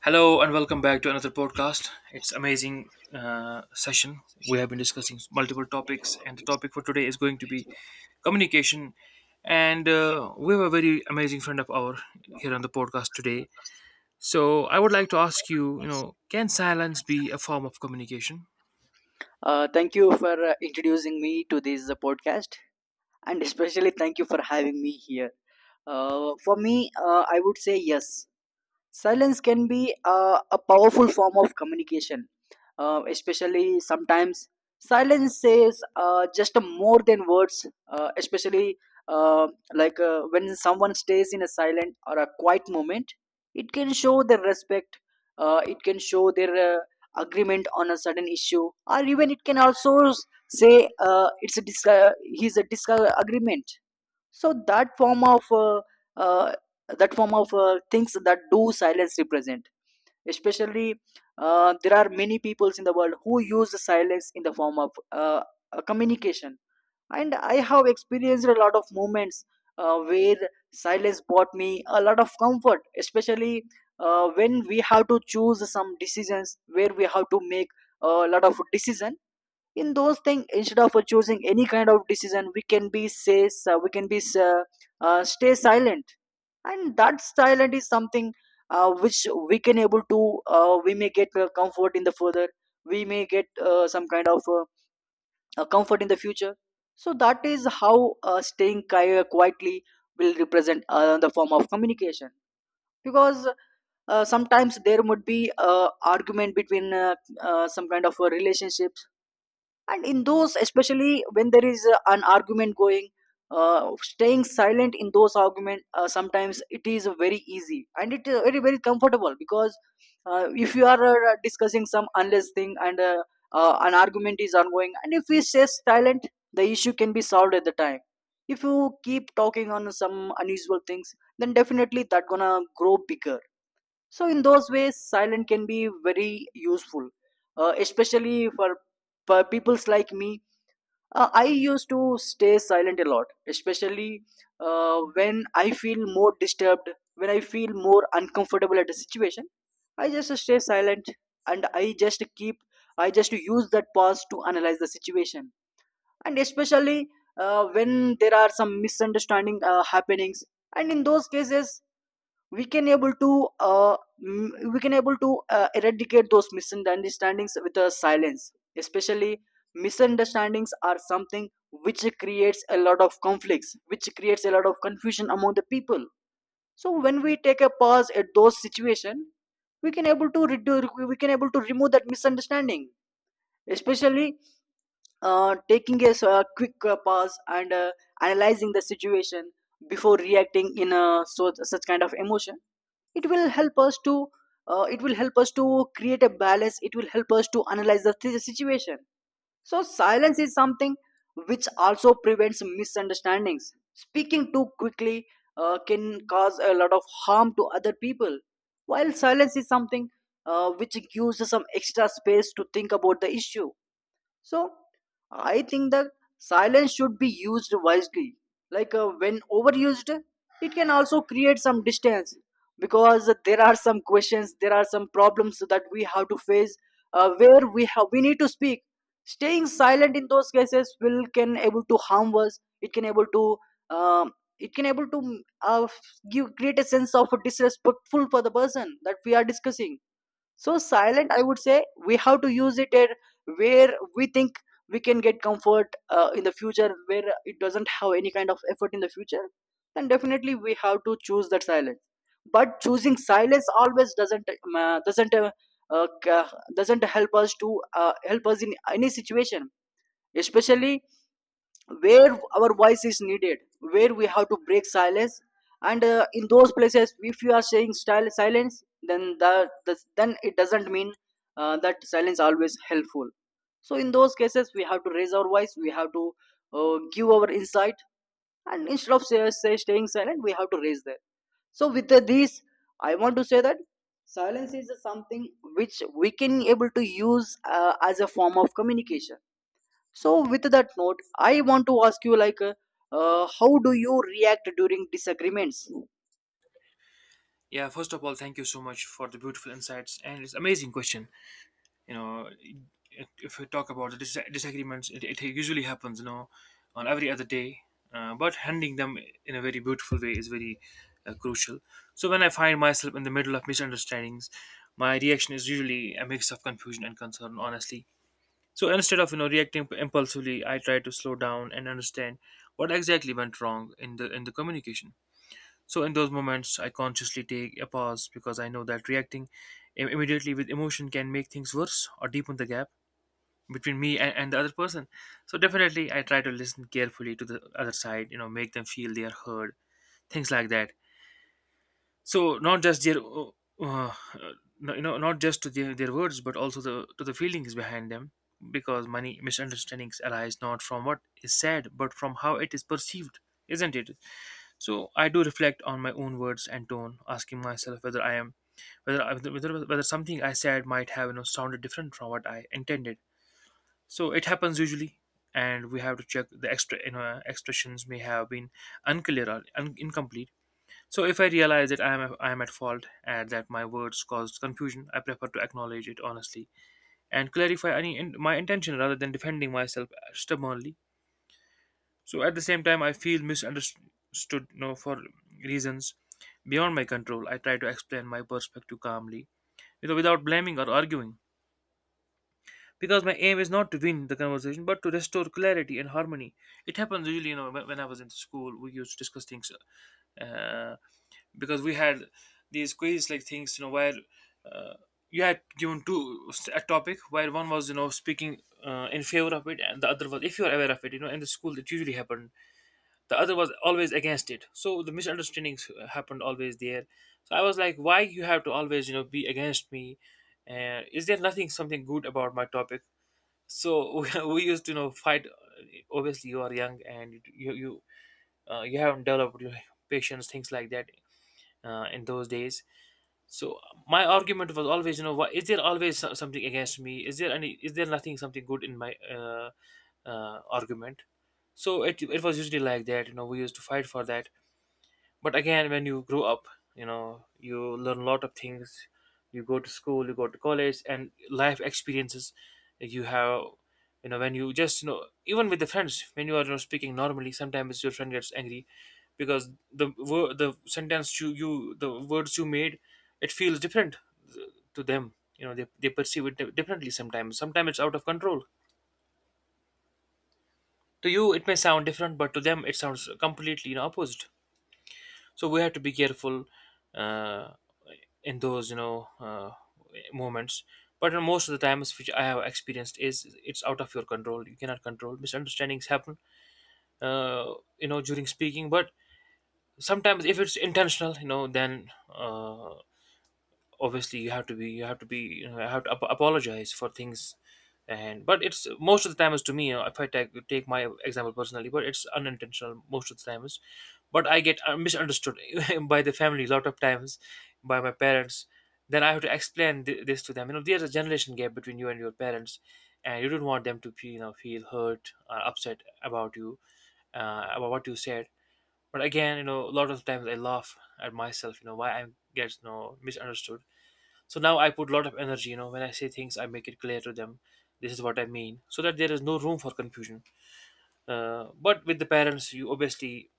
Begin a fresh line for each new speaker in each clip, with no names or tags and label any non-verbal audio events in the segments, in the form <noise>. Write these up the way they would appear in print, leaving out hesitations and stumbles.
Hello and welcome back to another podcast. It's amazing session We have been discussing multiple topics, and the topic for today is going to be communication. And We have a very amazing friend of ours here on the podcast today. So I would like to ask you, you know, can silence be a form of communication?
Thank you for introducing me to this podcast, and especially thank you for having me here. I would say yes, silence can be a powerful form of communication, especially sometimes silence says just more than words, especially uh, like when someone stays in a silent or a quiet moment, it can show their respect. Uh, it can show their agreement on a certain issue, or even it can also say it's a he's a disagreement. So that form of uh, that form of things that do silence represent, especially there are many peoples in the world who use the silence in the form of communication. And I have experienced a lot of moments where silence brought me a lot of comfort, especially when we have to choose some decisions, where we have to make a lot of decision. In those things, instead of choosing any kind of decision, we can be say, so we can be uh, stay silent, and that silent is something which we can able to we may get comfort in the further, we may get some kind of comfort in the future. So that is how staying quietly will represent the form of communication. Because sometimes there would be argument between some kind of a relationship, and in those, especially when there is an argument going, staying silent in those argument, sometimes it is very easy and it is very, very comfortable, because if you are discussing some unless thing, and an argument is ongoing and if we stay silent, the issue can be solved at the time. If you keep talking on some unusual things, then definitely that gonna grow bigger. So in those ways, silent can be very useful, especially for peoples like me. I used to stay silent a lot, especially when I feel more disturbed, when I feel more uncomfortable at a situation. I just stay silent and I just use that pause to analyze the situation. And especially when there are some misunderstanding happenings, and in those cases, we can able to we can able to eradicate those misunderstandings with a silence. Especially misunderstandings are something which creates a lot of conflicts, which creates a lot of confusion among the people. So when we take a pause at those situation, we can able to remove that misunderstanding. Especially taking a quick pause and analyzing the situation before reacting in a so, such kind of emotion, it will help us to create a balance, it will help us to analyze the situation. So silence is something which also prevents misunderstandings. Speaking too quickly can cause a lot of harm to other people, while silence is something which gives us some extra space to think about the issue. So I think that silence should be used wisely. Like when overused, it can also create some distance, because there are some questions, there are some problems that we have to face, where we need to speak. Staying silent in those cases will can able to harm us. It can able to um, it can able to give create a sense of disrespectful for the person that we are discussing. So silent, I would say, we have to use it at where we think we can get comfort in the future, where it doesn't have any kind of effort in the future. Then definitely we have to choose that silence. But choosing silence always doesn't uh, doesn't help us to help us in any situation, especially where our voice is needed, where we have to break silence. And in those places, if you are saying style silence, then the then it doesn't mean that silence always helpful. So in those cases, we have to raise our voice, we have to give our insight, and instead of say, say staying silent, we have to raise that. So with this, I want to say that silence is something which we can able to use as a form of communication. So with that note, I want to ask you, like, how do you react during disagreements?
Yeah, first of all, thank you so much for the beautiful insights and it's amazing question. You know, if we talk about the disagreements it, it usually happens, you know, on every other day, but handling them in a very beautiful way is very crucial. So when I find myself in the middle of misunderstandings, my reaction is usually a mix of confusion and concern, honestly. So instead of, you know, reacting impulsively, I try to slow down and understand what exactly went wrong in the communication. So in those moments, I consciously take a pause because I know that reacting immediately with emotion can make things worse or deepen the gap between me and the other person. So definitely, I try to listen carefully to the other side. You know, make them feel they are heard. Things like that, so not just their uh, not just their words but also the to the feelings behind them, because many misunderstandings arise not from what is said but from how it is perceived, isn't it? So I do reflect on my own words and tone, asking myself whether I am whether I- whether, whether something I said might have, you know, sounded different from what I intended. So it happens usually, and we have to check the extra, you know, expressions may have been unclear or incomplete. So if I realize that I am at fault and that my words caused confusion, I prefer to acknowledge it honestly and clarify my intention rather than defending myself stubbornly. So at the same time, I feel misunderstood, you know, for reasons beyond my control. I try to explain my perspective calmly, you know, without blaming or arguing, because my aim is not to win the conversation but to restore clarity and harmony. It happens usually, you know, when I was in school, we used to discuss things. Uh, because we had these quiz like things, you know, where, uh, you had given two a topic where one was, you know, speaking in favor of it and the other was, if you are aware of it, you know, in the school it usually happened, the other was always against it. So the misunderstandings happened always there. So I was like, why you have to always, you know, be against me? Is there nothing something good about my topic? So <laughs> we used to, you know, fight. Obviously you are young and you haven't developed your patience, things like that, in those days. So my argument was always, you know, why, is there always something against me? Is there any? Is there nothing something good in my argument? So it was usually like that. You know, we used to fight for that. But again, when you grow up, you know, you learn a lot of things. You go to school, you go to college, and life experiences you have, you know, when you just, you know, even with the friends, when you are, you know, speaking normally, sometimes your friend gets angry, because the words you made, it feels different to them. You know, they perceive it differently sometimes. Sometimes it's out of control. To you it may sound different, but to them it sounds completely, you know, opposite. So we have to be careful, uh, in those, you know, moments. But in most of the times which I have experienced, is it's out of your control. You cannot control misunderstandings happen, you know, during speaking. But sometimes if it's intentional, you know, then, obviously you have to be you know, I have to apologize for things. And but it's most of the time, is, to me, if I take my example personally, but it's unintentional most of the time is. But I get misunderstood <laughs> by the family a lot of times, by my parents. Then I have to explain this to them. You know, there's a generation gap between you and your parents, and you don't want them to feel, you know, feel hurt or upset about you, about what you said. But again, you know, a lot of times I laugh at myself, you know, why I get, you know, misunderstood. So now I put a lot of energy, you know, when I say things, I make it clear to them. This is what I mean, so that there is no room for confusion. But with the parents, you obviously,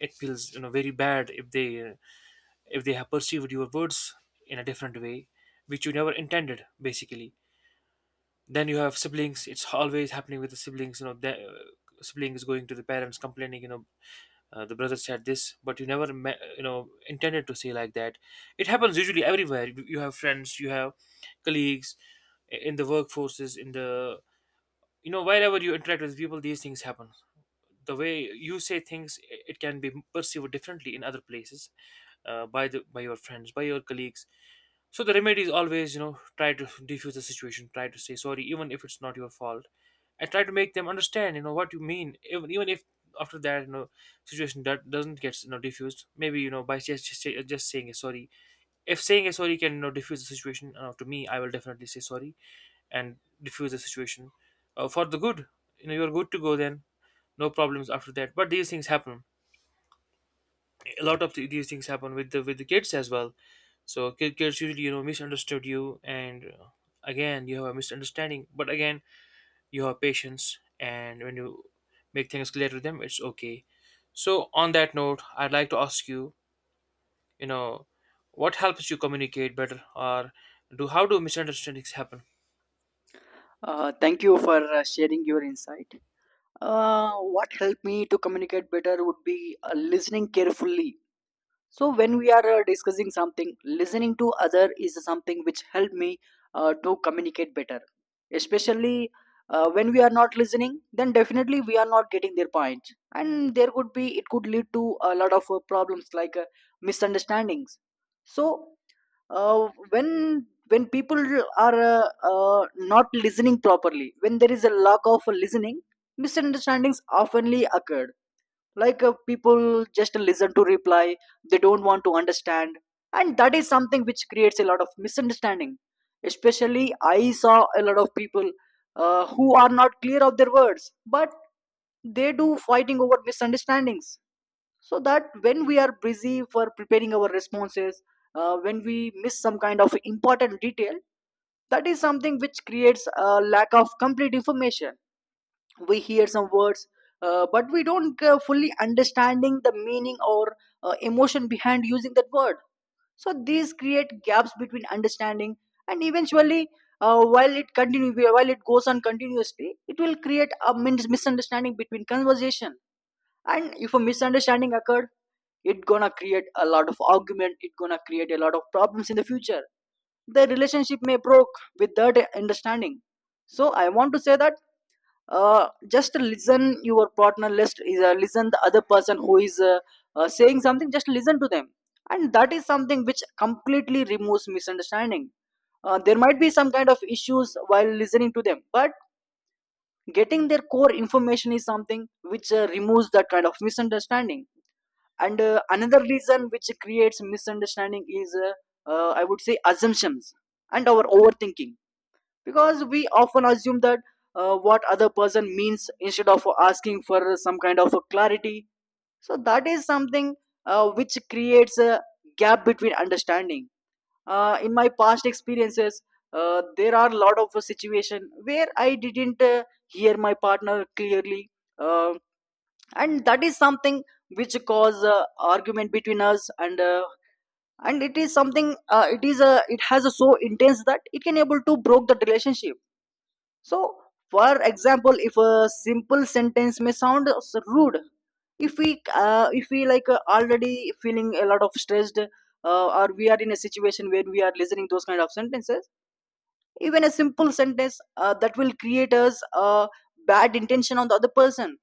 it feels, you know, very bad if they, if they have perceived your words in a different way, which you never intended. Basically, then you have siblings. It's always happening with the siblings. You know, the, sibling is going to the parents complaining. You know, the brother said this, but you never you know, intended to say like that. It happens usually everywhere. You have friends, you have colleagues, in the workforces, in the, you know, wherever you interact with people, these things happen. The way you say things, it can be perceived differently in other places, by the, by your friends, by your colleagues. So the remedy is always, you know, try to diffuse the situation, try to say sorry even if it's not your fault, and try to make them understand, you know, what you mean. Even, even if after that, you know, situation that doesn't get, you know, diffused maybe, you know, by just just saying a sorry. If saying a sorry can, you know, diffuse the situation, to me, I will definitely say sorry and diffuse the situation for the good. You know, you're good to go then. No problems after that. But these things happen. A lot of these things happen with the kids as well. So kids usually, you know, misunderstood you, and, again you have a misunderstanding. But again, you have patience, and when you make things clear to them, it's okay. So on that note, I'd like to ask you, you know, what helps you communicate better, or do how do misunderstandings happen?
Thank you for sharing your insight. What helped me to communicate better would be listening carefully. So when we are discussing something, listening to other is something which help me to communicate better. Especially when we are not listening, then definitely we are not getting their point, and there could be it could lead to a lot of problems, like misunderstandings. So when people are not listening properly, when there is a lack of listening, misunderstandings oftenly occurred. Like people just listen to reply, they don't want to understand, and that is something which creates a lot of misunderstanding. Especially I saw a lot of people who are not clear of their words, but they do fighting over misunderstandings. So that when we are busy for preparing our responses, when we miss some kind of important detail, that is something which creates a lack of complete information. We hear some words but we don't fully understanding the meaning or emotion behind using that word. So these create gaps between understanding, and eventually while it continue, while it goes on continuously, it will create a misunderstanding between conversation. And if a misunderstanding occurred, it gonna create a lot of argument, it gonna create a lot of problems in the future. The relationship may broke with that understanding. So I want to say that, just listen your partner, listen the other person who is saying something, just listen to them. And that is something which completely removes misunderstanding. Uh, there might be some kind of issues while listening to them, but getting their core information is something which removes that kind of misunderstanding. And another reason which creates misunderstanding is I would say assumptions and our overthinking. Because we often assume that what other person means, instead of asking for some kind of a clarity. So that is something which creates a gap between understanding. Uh, in my past experiences, there are a lot of situation where I didn't hear my partner clearly, uh, and that is something which cause argument between us, and it is something it is a it has a so intense that it can able to broke the relationship. So, for example, if a simple sentence may sound rude, if we like already feeling a lot of stressed, or we are in a situation where we are listening those kind of sentences, even a simple sentence that will create us a bad intention on the other person.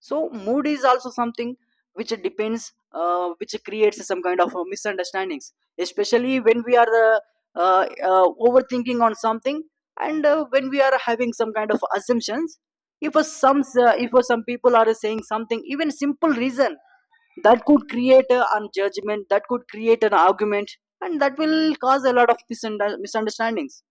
So mood is also something which depends which creates some kind of misunderstandings, especially when we are overthinking on something, and when we are having some kind of assumptions, if some if some people are saying something even simple reason, that could create a, an judgment, that could create an argument, and that will cause a lot of misunderstandings.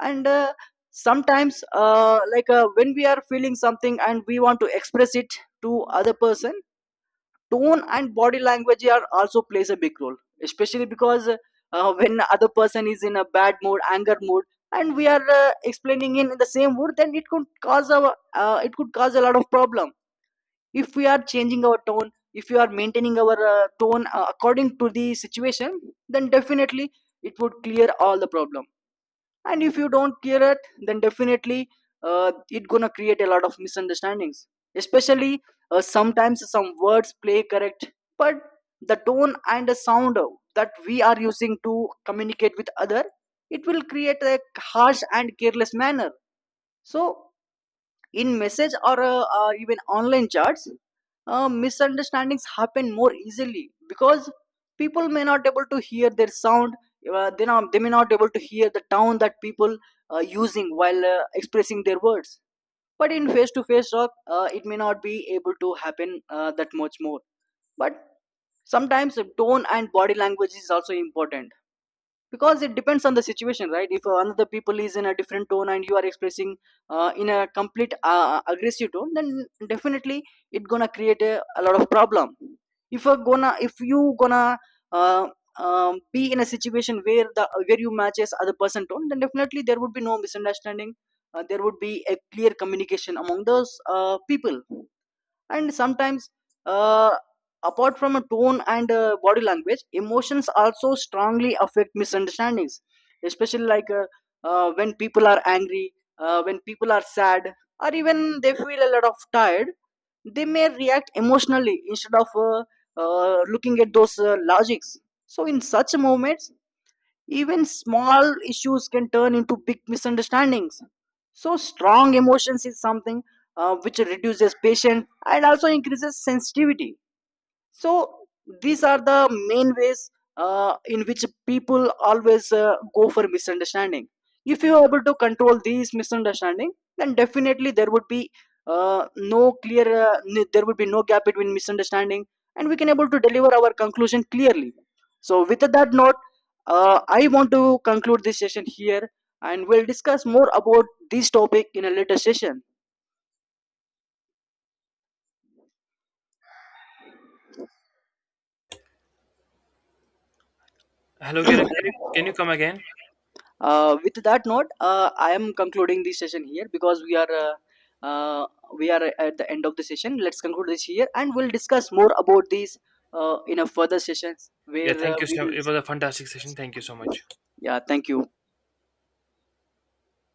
And sometimes like when we are feeling something and we want to express it to other person, tone and body language are also plays a big role. Especially because when other person is in a bad mood, anger mood, and we are explaining in the same word, then it could cause a it could cause a lot of problem. If we are changing our tone, if you are maintaining our tone according to the situation, then definitely it would clear all the problem. And if you don't clear it, then definitely it gonna create a lot of misunderstandings. Especially sometimes some words play correct, but the tone and the sound that we are using to communicate with other, it will create a harsh and careless manner. So in message, or even online chats, misunderstandings happen more easily, because people may not able to hear their sound. Uh, they may not able to hear the tone that people are using while expressing their words. But in face-to-face talk, it may not be able to happen that much more. But sometimes the tone and body language is also important, because it depends on the situation, right? If another people is in a different tone and you are expressing in a complete aggressive tone, then definitely it gonna create a lot of problem. If you gonna if you gonna uh, um, be in a situation where the where you matches other person tone, then definitely there would be no misunderstanding, there would be a clear communication among those people. And sometimes uh, apart from a tone and body language, emotions also strongly affect misunderstandings. Especially like when people are angry, when people are sad, or even they feel a lot of tired, they may react emotionally instead of looking at those logics. So in such moments, even small issues can turn into big misunderstandings. So, strong emotions is something which reduces patience and also increases sensitivity. So these are the main ways in which people always go for misunderstanding. If you are able to control these misunderstanding, then definitely there would be no clear n- there would be no gap between misunderstanding, and we can able to deliver our conclusion clearly. So with that note, I want to conclude this session here, and we'll discuss more about this topic in a later session.
Hello, can can you
<clears throat>
come again?
With that note, I am concluding this session here, because uh, we are at the end of the session. Let's conclude this here, and we'll discuss more about these in a further sessions
Yeah,
where
thank you.
we
So
will.
it was a fantastic session. Thank you so much.
Yeah, thank you.